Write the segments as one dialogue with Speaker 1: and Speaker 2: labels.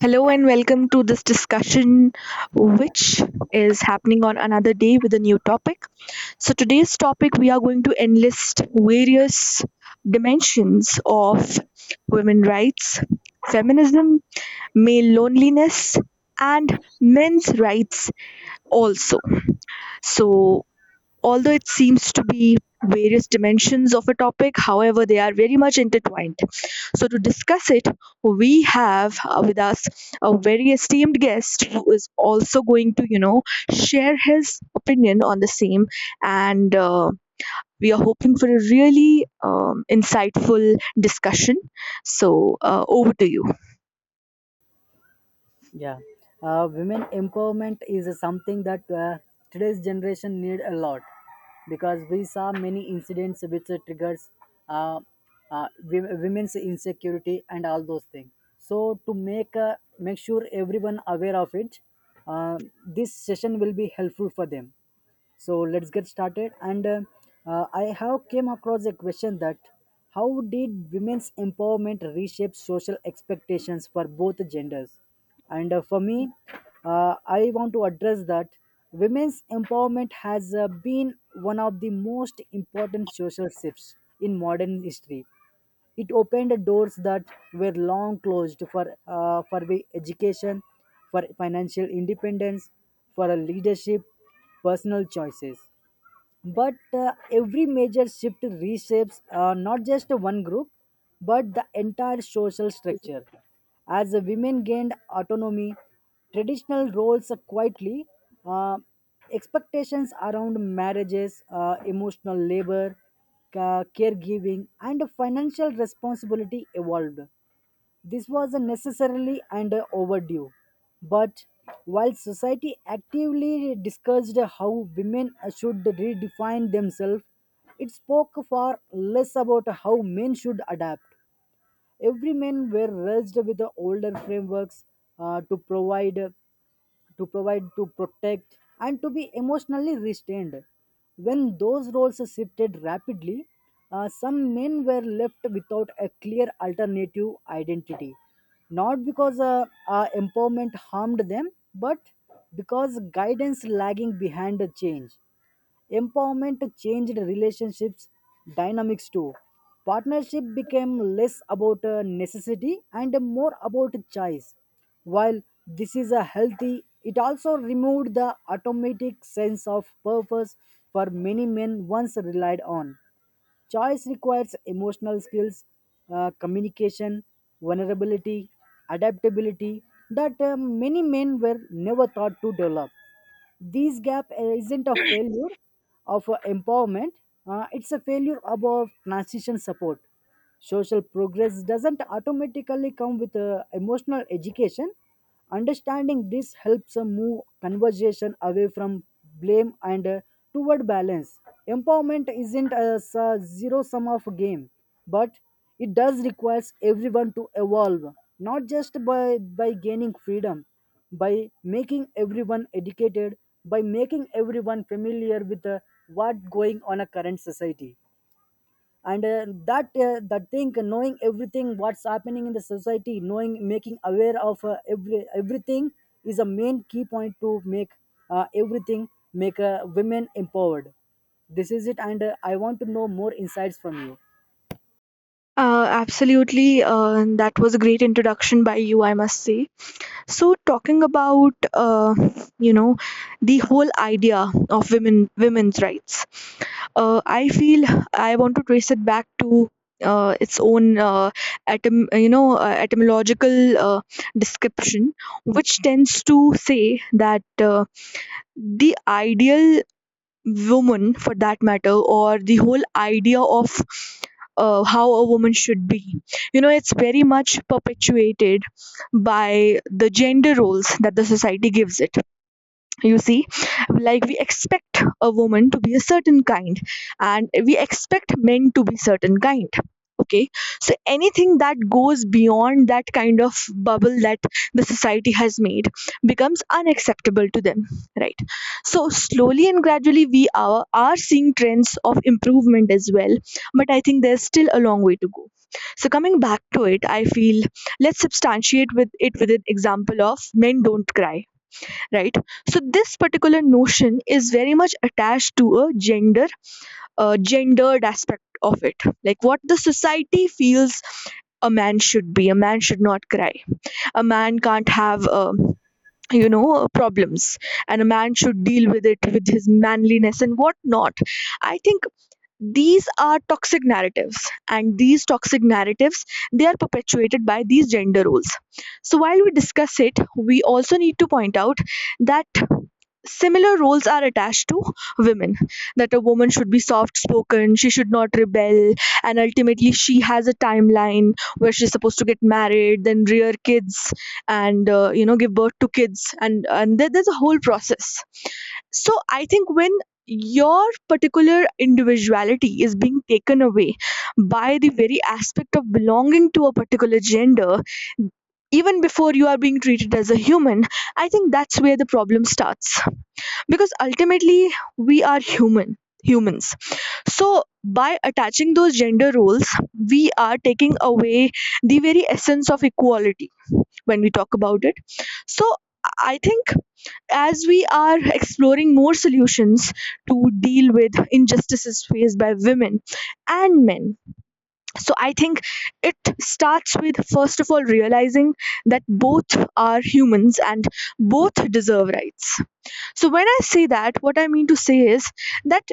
Speaker 1: Hello and welcome to this discussion, which is happening on another day with a new topic. So, today's topic, we are going to enlist various dimensions of women rights, feminism, male loneliness, and men's rights also. So, although it seems to be various dimensions of a topic, however they are very much intertwined, so to discuss it we have with us a very esteemed guest who is also going to share his opinion on the same, and we are hoping for a really insightful discussion, so over to you.
Speaker 2: Yeah, women empowerment is something that today's generation need a lot because we saw many incidents which triggers uh, women's insecurity and all those things. So to make sure everyone aware of it, uh, this session will be helpful for them so let's get started and I have came across a question that how did women's empowerment reshape social expectations for both genders? And for me, I want to address that women's empowerment has been one of the most important social shifts in modern history. It opened doors that were long closed for the education, for financial independence, for a leadership, personal choices. But every major shift reshapes not just one group but the entire social structure. As the women gained autonomy, traditional roles quietly uh, expectations around marriages, emotional labor, caregiving and financial responsibility evolved. This was necessarily and overdue. But while society actively discussed how women should redefine themselves, it spoke far less about how men should adapt. Every men were raised with the older frameworks, uh, to provide to provide, to protect, and to be emotionally restrained. When those roles shifted rapidly, some men were left without a clear alternative identity. Not because empowerment harmed them, but because guidance lagging behind the change. Empowerment changed relationships dynamics too. Partnership became less about a necessity and more about choice. While this is a healthy, it also removed the automatic sense of purpose for many men once relied on. Choice requires emotional skills, communication, vulnerability, adaptability that many men were never taught to develop. This gap isn't a failure of empowerment, it's a failure about transition support. Social progress doesn't automatically come with emotional education. Understanding this helps move conversation away from blame and toward balance. Empowerment isn't a zero sum of game, but it does requires everyone to evolve, not just by gaining freedom, by making everyone educated, by making everyone familiar with what's going on a current society and that thing knowing everything what's happening in the society, knowing, making aware of everything is a main key point to make everything, make women empowered. This is it and I want to know more insights from you.
Speaker 1: Absolutely. And that was a great introduction by you, I must say. So talking about you know the whole idea of women's rights, I feel I want to trace it back to its own, etymological description, which tends to say that the ideal woman, for that matter, or the whole idea of how a woman should be. It's very much perpetuated by the gender roles that the society gives it, you see. Like, we expect a woman to be a certain kind, and we expect men to be certain kind, okay. So anything that goes beyond that kind of bubble that the society has made becomes unacceptable to them, right? So slowly and gradually we are seeing trends of improvement as well, but I think there's still a long way to go. So coming back to it, I feel, let's substantiate with it, with an example of "men don't cry," right? So this particular notion is very much attached to a gender, gendered aspect of it, like what the society feels. A man should not cry. A man can't have problems, and a man should deal with it with his manliness and whatnot. I think these are toxic narratives, and these toxic narratives, they are perpetuated by these gender roles. So while we discuss it, we also need to point out that similar roles are attached to women, that a woman should be soft spoken, she should not rebel, and ultimately she has a timeline where she's supposed to get married, then rear kids, and give birth to kids, and there's a whole process. So I think, when your particular individuality is being taken away by the very aspect of belonging to a particular gender, even before you are being treated as a human, I think that's where the problem starts, because ultimately we are humans. So by attaching those gender roles, we are taking away the very essence of equality when we talk about it. So I think, as we are exploring more solutions to deal with injustices faced by women and men, so I think it starts with, first of all, realizing that both are humans and both deserve rights. So when I say that, what I mean to say is that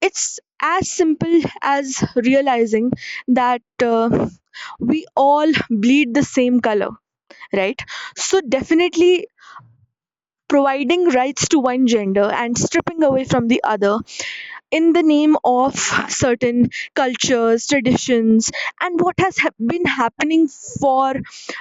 Speaker 1: it's as simple as realizing that, we all bleed the same color, right? So definitely, providing rights to one gender and stripping away from the other in the name of certain cultures, traditions, and what has been happening for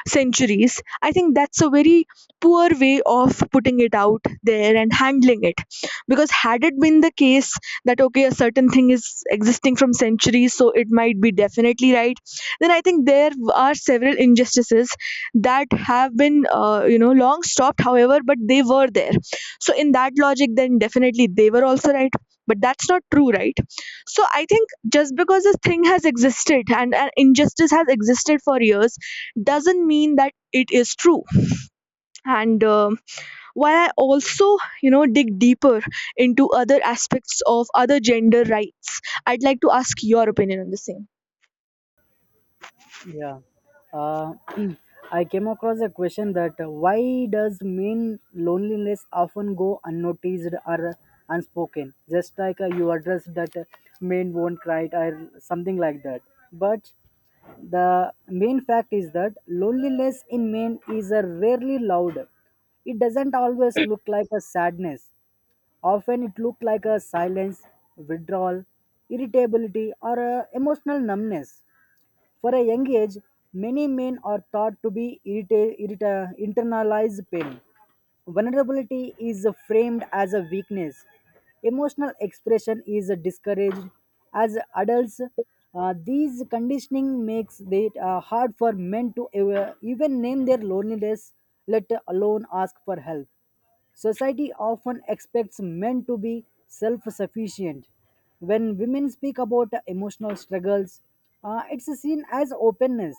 Speaker 1: centuries, I think that's a very poor way of putting it out there and handling it. Because had it been the case that, okay, a certain thing is existing from centuries, so it might be definitely right, then I think there are several injustices that have been, long stopped, however, but they were there. So, in that logic, then definitely they were also right, but that's not true, right? So I think, just because this thing has existed and an injustice has existed for years, doesn't mean that it is true. And while I also dig deeper into other aspects of other gender rights, I'd like to ask your opinion on the same.
Speaker 2: Yeah. Uh, I came across a question that why does mean loneliness often go unnoticed or unspoken? Just like you addressed that men won't cry or something like that. But the main fact is that loneliness in men is rarely loud. It doesn't always look like a sadness. Often it looks like a silence, withdrawal, irritability, or a emotional numbness for a young age, many men are thought to be internalized pain. Vulnerability is framed as a weakness. Emotional expression is discouraged. As adults, these conditioning makes it hard for men to even name their loneliness, let alone ask for help. Society often expects men to be self sufficient. When women speak about emotional struggles, it's seen as openness.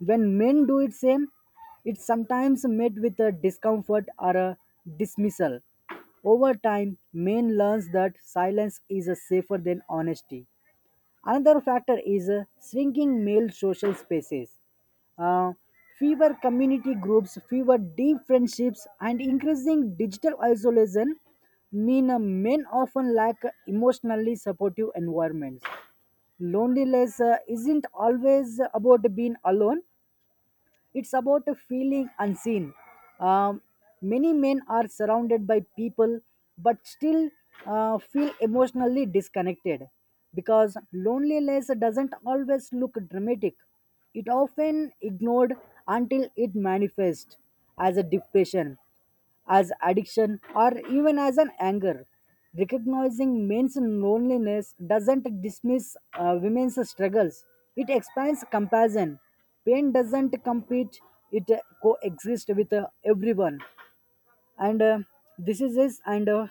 Speaker 2: When men do it same, it's sometimes met with a discomfort or a dismissal. Over time, men learns that silence is safer than honesty. Another factor is shrinking male social spaces. Uh, Fewer community groups, fewer deep friendships, and increasing digital isolation mean men often lack emotionally supportive environments. Loneliness isn't always about being alone, it's about a feeling unseen. Um, Many men are surrounded by people but still feel emotionally disconnected because loneliness doesn't always look dramatic. It often ignored until it manifests as a depression, as addiction or even as an anger. Recognizing men's loneliness doesn't dismiss women's struggles, it expands compassion. Pain doesn't compete, it coexists with everyone. And this is this, and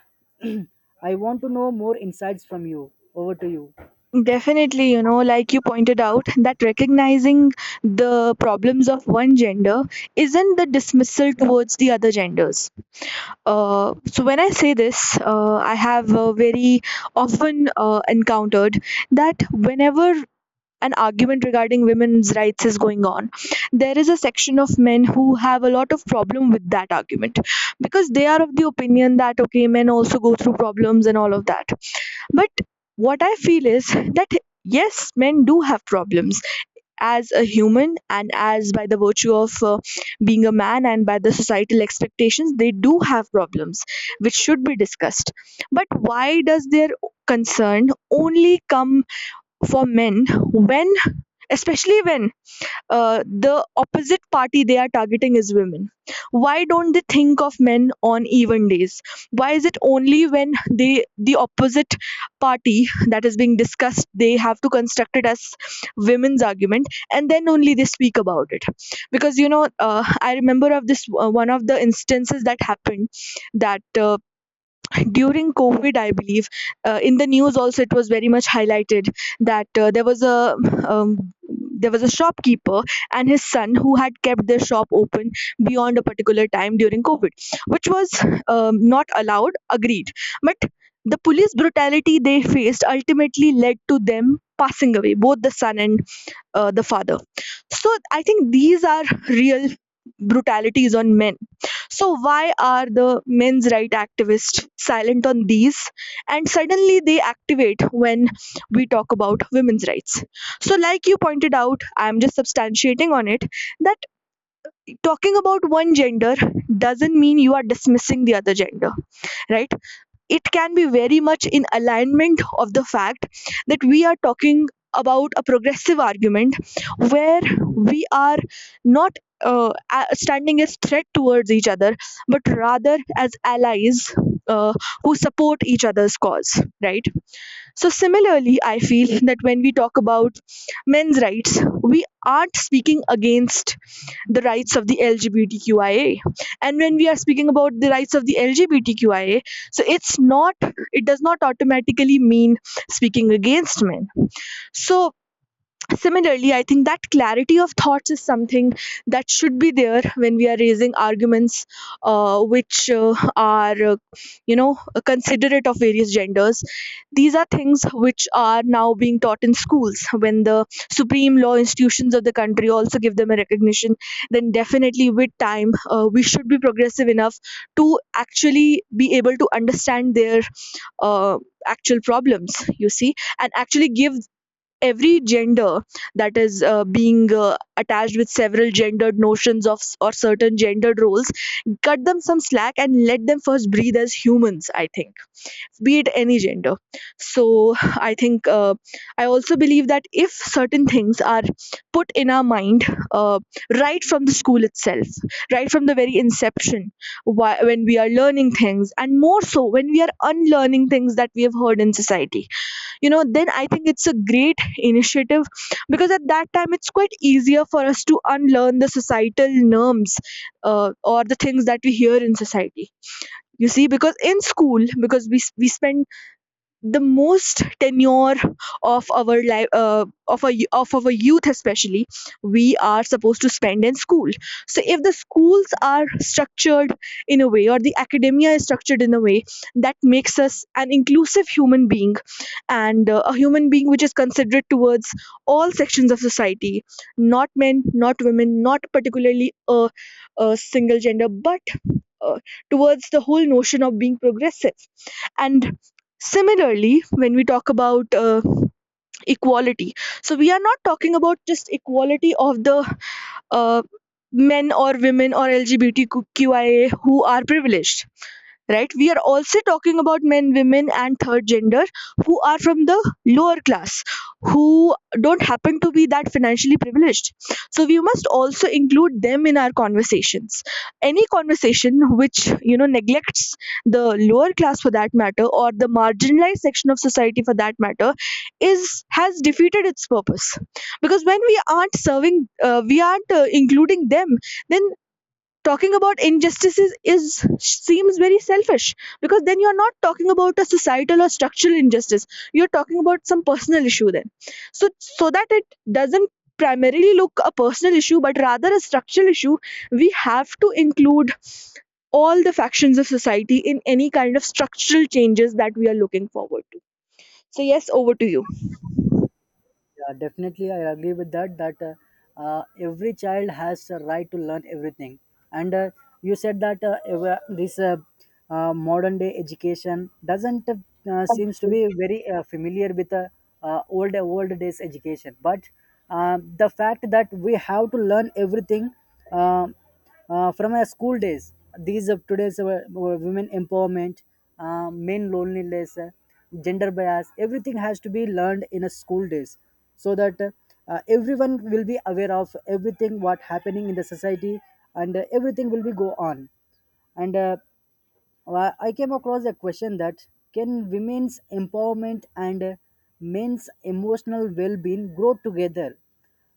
Speaker 2: I want to know more insights from you. Over to you.
Speaker 1: Definitely, like you pointed out, that recognizing the problems of one gender isn't the dismissal towards the other genders. So, when I say this, I have very often encountered that whenever an argument regarding women's rights is going on, there is a section of men who have a lot of problem with that argument, because they are of the opinion that, okay, men also go through problems and all of that. But what I feel is that, yes, men do have problems as a human and, as by the virtue of being a man and by the societal expectations, they do have problems which should be discussed. But why does their concern only come for men when, especially when, the opposite party they are targeting is women? Why don't they think of men on even days? Why is it only when the opposite party that is being discussed, they have to construct it as women's argument, and then only they speak about it? Because I remember of this, one of the instances that happened, that during COVID, I believe, in the news also it was very much highlighted that um, there was a shopkeeper and his son who had kept their shop open beyond a particular time during COVID, which was not allowed. Agreed, but the police brutality they faced ultimately led to them passing away, both the son and the father. So I think these are real brutalities on men. So why are the men's right activists silent on these, and suddenly they activate when we talk about women's rights? So, like you pointed out, I am just substantiating on it, that talking about one gender doesn't mean you are dismissing the other gender, right? It can be very much in alignment of the fact that we are talking about a progressive argument, where we are not standing as threat towards each other, but rather as allies, uh, who support each other's cause, right? So similarly, I feel that when we talk about men's rights, we aren't speaking against the rights of the LGBTQIA. And when we are speaking about the rights of the LGBTQIA, so it does not automatically mean speaking against men. So, similarly, I think that clarity of thoughts is something that should be there when we are raising arguments, which are, you know, considerate of various genders. These are things which are now being taught in schools. When the supreme law institutions of the country also give them a recognition, then definitely, with time, we should be progressive enough to actually be able to understand their uh, actual problems, you see, and actually give every gender that is being attached with several gendered notions of or certain gendered roles, cut them some slack and let them first breathe as humans, I think, be it any gender. So I think, I also believe that if certain things are put in our mind, uh, right from the school itself, right from the very inception, when we are learning things, and more so when we are unlearning things that we have heard in society, then I think it's a great initiative, because at that time it's quite easier for us to unlearn the societal norms, or the things that we hear in society, you see. Because in school, because we spend the most tenure of our life, of our youth especially, we are supposed to spend in school. So if the schools are structured in a way, or the academia is structured in a way, that makes us an inclusive human being, and a human being which is considerate towards all sections of society, not men, not women, not particularly a single gender, but uh, towards the whole notion of being progressive. And similarly, when we talk about equality, so we are not talking about just equality of the uh, men or women or LGBTQIA who are privileged, right? We are also talking about men, women, and third gender who are from the lower class, who don't happen to be that financially privileged. So we must also include them in our conversations. Any conversation which neglects the lower class, for that matter, or the marginalized section of society, for that matter, is has defeated its purpose. Because when we aren't serving, we aren't including them, then talking about injustices is seems very selfish, because then you're not talking about a societal or structural injustice, you're talking about some personal issue then, so that it doesn't primarily look a personal issue but rather a structural issue. We have to include all the factions of society in any kind of structural changes that we are looking forward to. So yes, over to you.
Speaker 2: Yeah, definitely, I agree with that. Every child has a right to learn everything. And you said that ev- this modern day education doesn't seems to be very familiar with old old days education. But the fact that we have to learn everything. um from our school days. These of today's women empowerment, men loneliness, gender bias, everything has to be learned in a school days, so that everyone will be aware of everything what happening in the society, and everything will be go on. And well, I came across a question that can women's empowerment and men's emotional well-being grow together?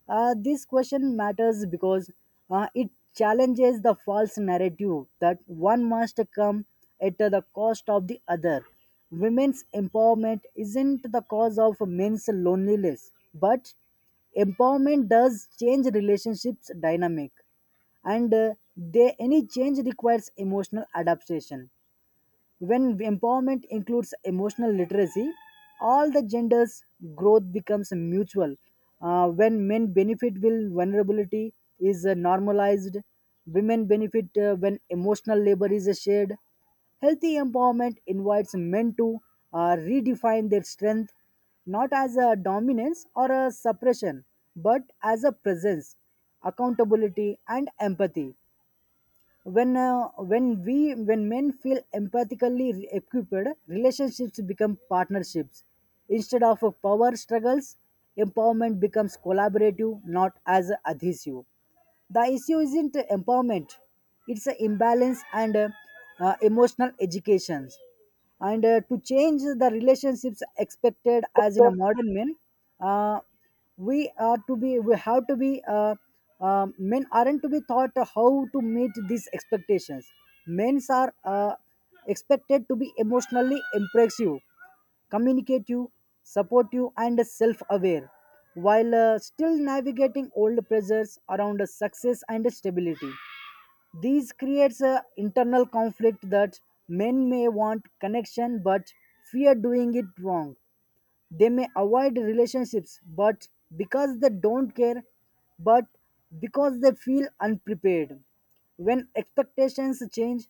Speaker 2: This question matters because it challenges the false narrative that one must come at the cost of the other. Women's empowerment isn't the cause of men's loneliness, but empowerment does change relationships dynamic and they any change requires emotional adaptation. When empowerment includes emotional literacy, all the genders' growth becomes mutual. When men benefit when vulnerability is normalized, women benefit when emotional labor is shared. Healthy empowerment invites men to redefine their strength not as a dominance or a suppression, but as a presence, accountability, and empathy. When when we when men feel empathically equipped, relationships become partnerships instead of power struggles. Empowerment becomes collaborative, not as adhesive. The issue isn't empowerment, it's an imbalance, and emotional education, and to change the relationships expected as in a modern men, uh, we have to be men aren't to be taught how to meet these expectations. Men are expected to be emotionally impressive, communicative, supportive and self-aware while still navigating old pressures around success and stability. These creates a internal conflict that men may want connection but fear doing it wrong. They may avoid relationships, but because they don't care, but because they feel unprepared. When expectations change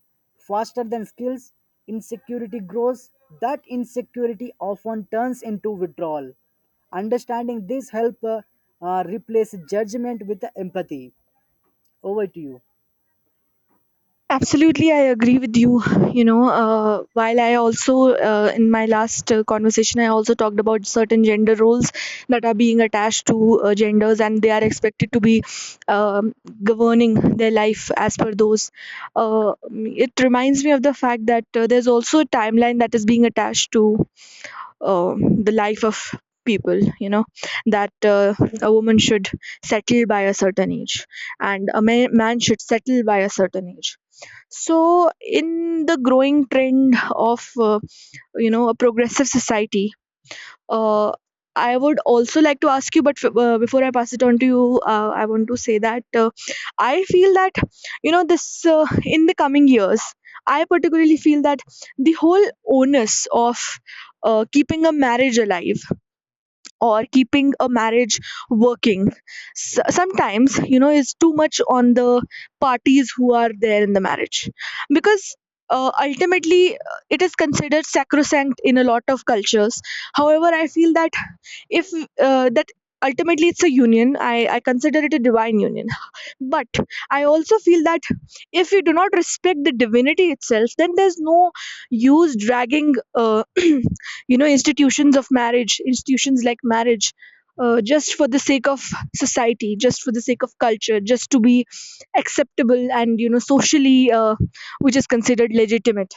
Speaker 2: faster than skills, insecurity grows. That insecurity often turns into withdrawal. Understanding this help replace judgment with empathy. Over to you.
Speaker 1: Absolutely, I agree with you. You know, while I also, in my last conversation, I also talked about certain gender roles that are being attached to genders, and they are expected to be, um, governing their life as per those. Uh, it reminds me of the fact that there's also a timeline that is being attached to the life of people, you know, that a woman should settle by a certain age and a man should settle by a certain age. So, in the growing trend of you know, a progressive society, uh, I would also like to ask you. But before I pass it on to you, I want to say that I feel that, you know, this, in the coming years. I particularly feel that the whole onus of keeping a marriage alive, or keeping a marriage working, S sometimes you know it's too much on the parties who are there in the marriage, because ultimately it is considered sacrosanct in a lot of cultures. However, I feel that if, that ultimately it's a union. I consider it a divine union, but I also feel that if you do not respect the divinity itself, then there's no use dragging you know, institutions like marriage just for the sake of society, just for the sake of culture, just to be acceptable and, you know, socially, which is considered legitimate.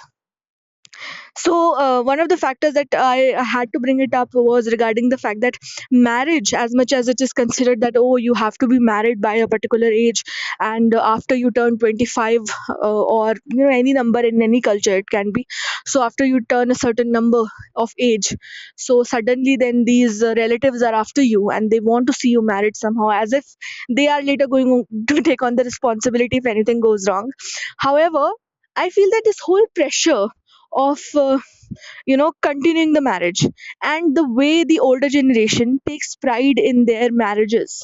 Speaker 1: So, one of the factors that I had to bring it up was regarding the fact that marriage, as much as it is considered that, oh, you have to be married by a particular age, and after you turn 25, uh, or you know, any number in any culture, it can be. So, after you turn a certain number of age, so suddenly then these relatives are after you and they want to see you married somehow, as if they are later going on to take on the responsibility if anything goes wrong. However, I feel that this whole pressure of you know, continuing the marriage, and the way the older generation takes pride in their marriages,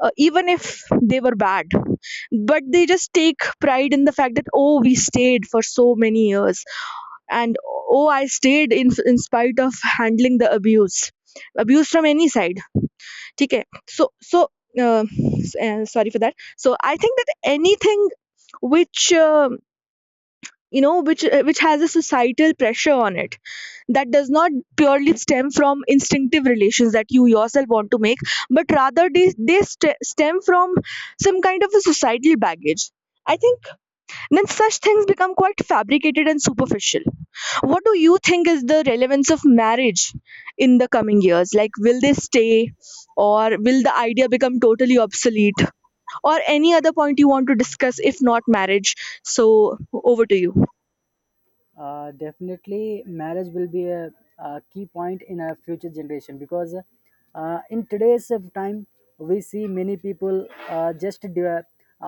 Speaker 1: even if they were bad, but they just take pride in the fact that, oh, we stayed for so many years, and, oh, I stayed in spite of handling the abuse, abuse from any side. Okay. so so uh, Sorry for that. So I think that anything which you know, which has a societal pressure on it, that does not purely stem from instinctive relations that you yourself want to make, but rather stem from some kind of a societal baggage. I think then such things become quite fabricated and superficial. What do you think is the relevance of marriage in the coming years? Like, will they stay, or will the idea become totally obsolete, or any other point you want to discuss if not marriage? So, over to you.
Speaker 2: Definitely marriage will be a key point in our future generation because in today's of time we see many people just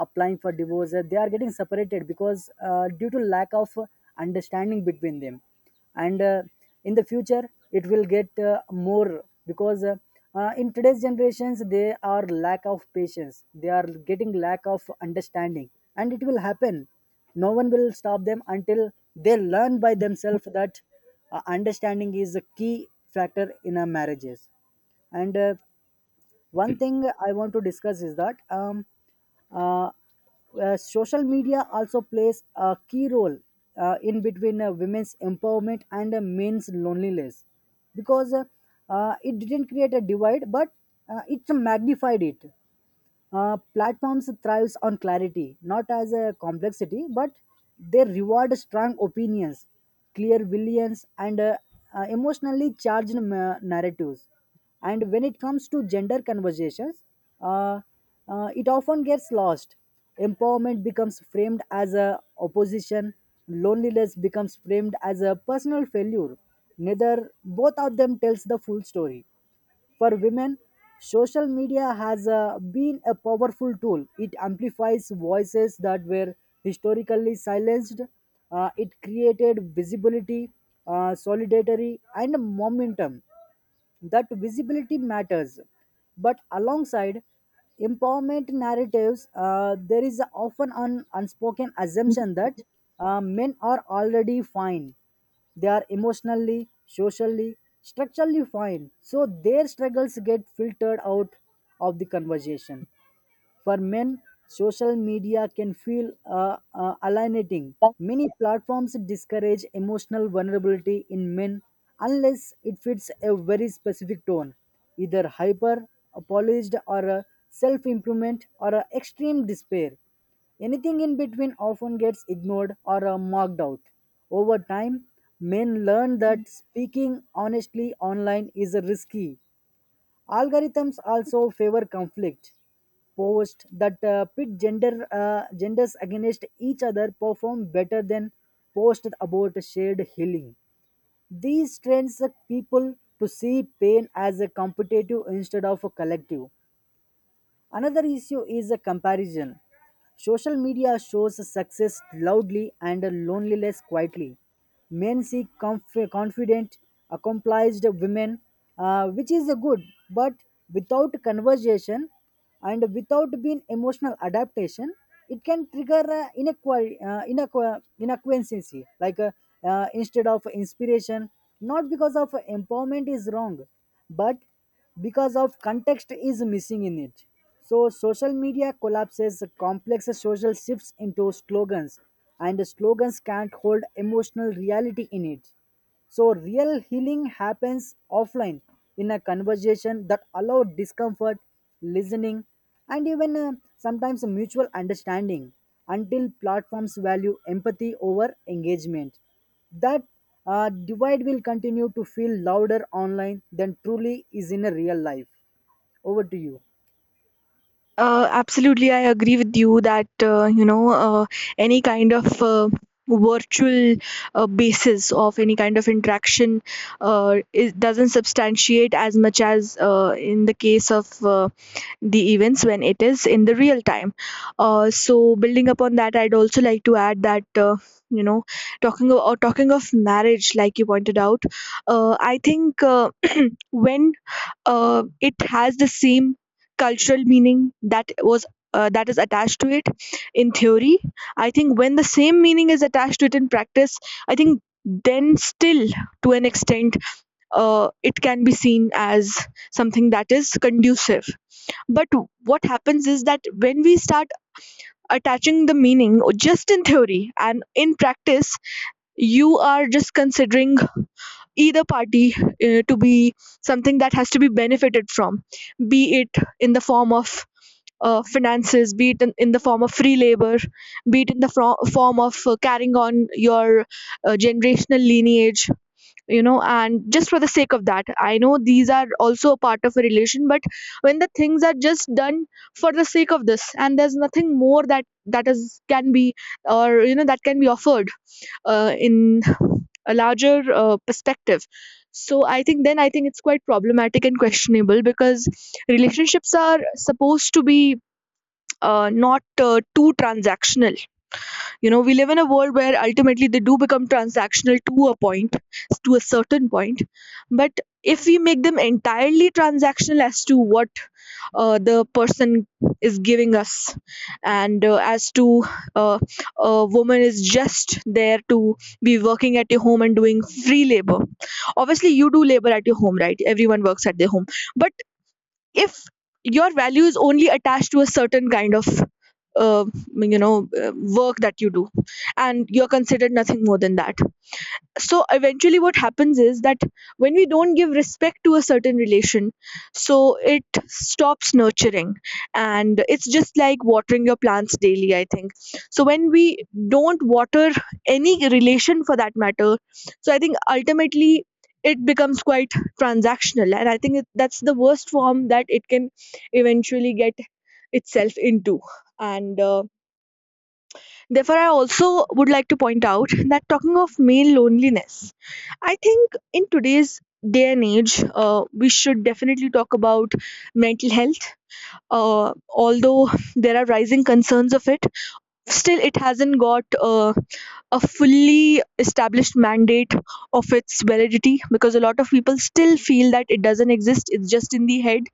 Speaker 2: applying for divorce. They are getting separated because due to lack of understanding between them and in the future it will get more because in today's generations they are lack of patience, they are getting lack of understanding and it will happen. No one will stop them until they learn by themselves that understanding is a key factor in a marriages. And one thing I want to discuss is that uh, social media also plays a key role in between women's empowerment and men's loneliness because it didn't create a divide but it magnified it. Platforms thrives on clarity, not as a complexity, but they reward strong opinions, clear villains, and emotionally charged narratives. And when it comes to gender conversations, uh, it often gets lost. Empowerment becomes framed as a opposition. Loneliness becomes framed as a personal failure. Neither both of them tells the full story. For women, social media has been a powerful tool. It amplifies voices that were historically silenced. It created visibility, solidarity, and momentum. That visibility matters. But alongside empowerment narratives, there is often an unspoken assumption that men are already fine. They are emotionally, socially, structurally fine. So their struggles get filtered out of the conversation. For men, social media can feel alienating. Many platforms discourage emotional vulnerability in men unless it fits a very specific tone, either hyper, apologized, or self improvement, or a extreme despair. Anything in between often gets ignored or marked out. Over time, men learn that speaking honestly online is risky. Algorithms also favor conflict. Posts that pit genders against each other perform better than posts about shared healing. These trains people to see pain as a competitive instead of a collective. Another issue is a comparison. Social media shows success loudly and loneliness quietly. Men seek confident, accomplished women, which is a good, but without conversation and without being emotional adaptation, it can trigger inequancy, like instead of inspiration, not because of empowerment is wrong, but because of context is missing in it. So social media collapses complex social shifts into slogans, and slogans can't hold emotional reality in it. So real healing happens offline in a conversation that allow discomfort, listening and even sometimes mutual understanding until platforms value empathy over engagement. That divide will continue to feel louder online than truly is in a real life. Over to you.
Speaker 1: Absolutely, I agree with you that, you know, any kind of virtual basis of any kind of interaction, it doesn't substantiate as much as in the case of the events when it is in the real time. So, building upon that, I'd also like to add that, you know, talking of, or talking of marriage, like you pointed out, I think. When it has the same cultural meaning that was, that is attached to it in theory, I think when the same meaning is attached to it in practice, I think then still, to an extent, it can be seen as something that is conducive. But what happens is that when we start attaching the meaning just in theory and in practice, you are just considering either party to be something that has to be benefited from, be it in the form of finances, be it in the form of free labor, be it in the form of carrying on your generational lineage, you know, and just for the sake of that. I know these are also a part of a relation, but when the things are just done for the sake of this and there's nothing more that that is can be, or you know, that can be offered in a larger perspective. So I think it's quite problematic and questionable, because relationships are supposed to be not too transactional. You know, we live in a world where ultimately they do become transactional to a point, to a certain point. But if we make them entirely transactional as to what the person is giving us, and as to, uh, a woman is just there to be working at your home and doing free labor. Obviously you do labor at your home, right? Everyone works at their home. But if your value is only attached to a certain kind of uh, you know, work that you do, and you're considered nothing more than that, so eventually what happens is that when we don't give respect to a certain relation, so it stops nurturing, and it's just like watering your plants daily, I think. So when we don't water any relation for that matter, so I think ultimately it becomes quite transactional, and that's the worst form that it can eventually get itself into. And therefore, I also would like to point out that talking of male loneliness, I think in today's day and age, we should definitely talk about mental health. Although there are rising concerns of it, still, it hasn't got a fully established mandate of its validity, because a lot of people still feel that it doesn't exist. It's just in the head,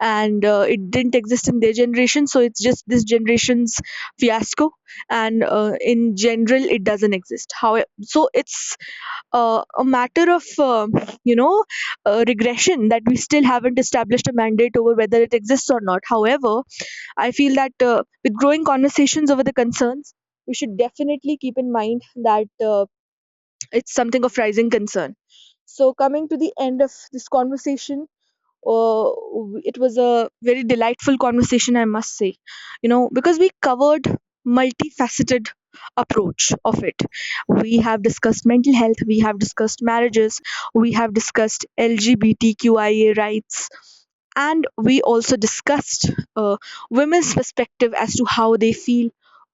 Speaker 1: and it didn't exist in their generation, so it's just this generation's fiasco. And in general, it doesn't exist. How so? It's a matter of, you know, regression that we still haven't established a mandate over whether it exists or not. However, I feel that with growing conversations over the concerns, we should definitely keep in mind that it's something of rising concern. So, coming to the end of this conversation, uh, it was a very delightful conversation, I must say, you know, because we covered multifaceted approach of it. We have discussed mental health, we have discussed marriages, we have discussed LGBTQIA rights, and we also discussed uh, women's perspective as to how they feel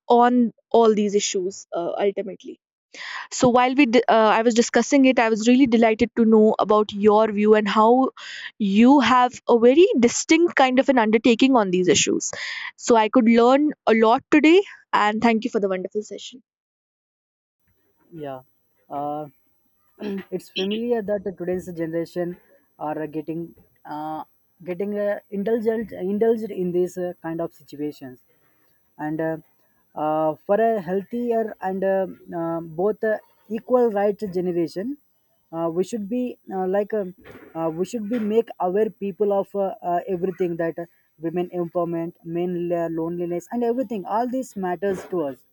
Speaker 1: on all these issues, ultimately. So while I was discussing it, I was really delighted to know about your view and how you have a very distinct kind of an undertaking on these issues, so I could learn a lot today, and thank you for the wonderful session.
Speaker 2: Yeah. Uh, it's familiar that today's generation are getting uh, indulged in these kind of situations and for a healthier and both equal rights generation, we should be we should be make aware people of everything that women empowerment, men loneliness and everything, all these matters to us.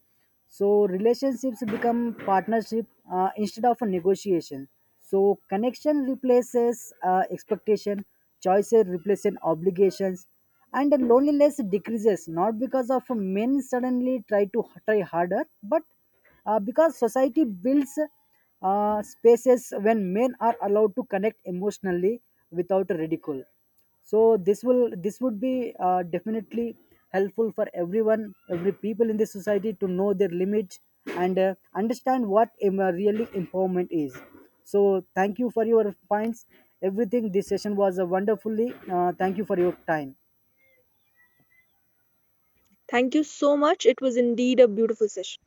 Speaker 2: So relationships become partnership instead of a negotiation. So connection replaces expectation, choices replacing obligations, and then loneliness decreases not because of men suddenly try harder but because society builds spaces when men are allowed to connect emotionally without ridicule. So this would be definitely helpful for everyone, every people in the society, to know their limits and understand what really empowerment is. So thank you for your points, everything. This session was wonderfully, thank you for your time.
Speaker 1: Thank you so much, it was indeed a beautiful session.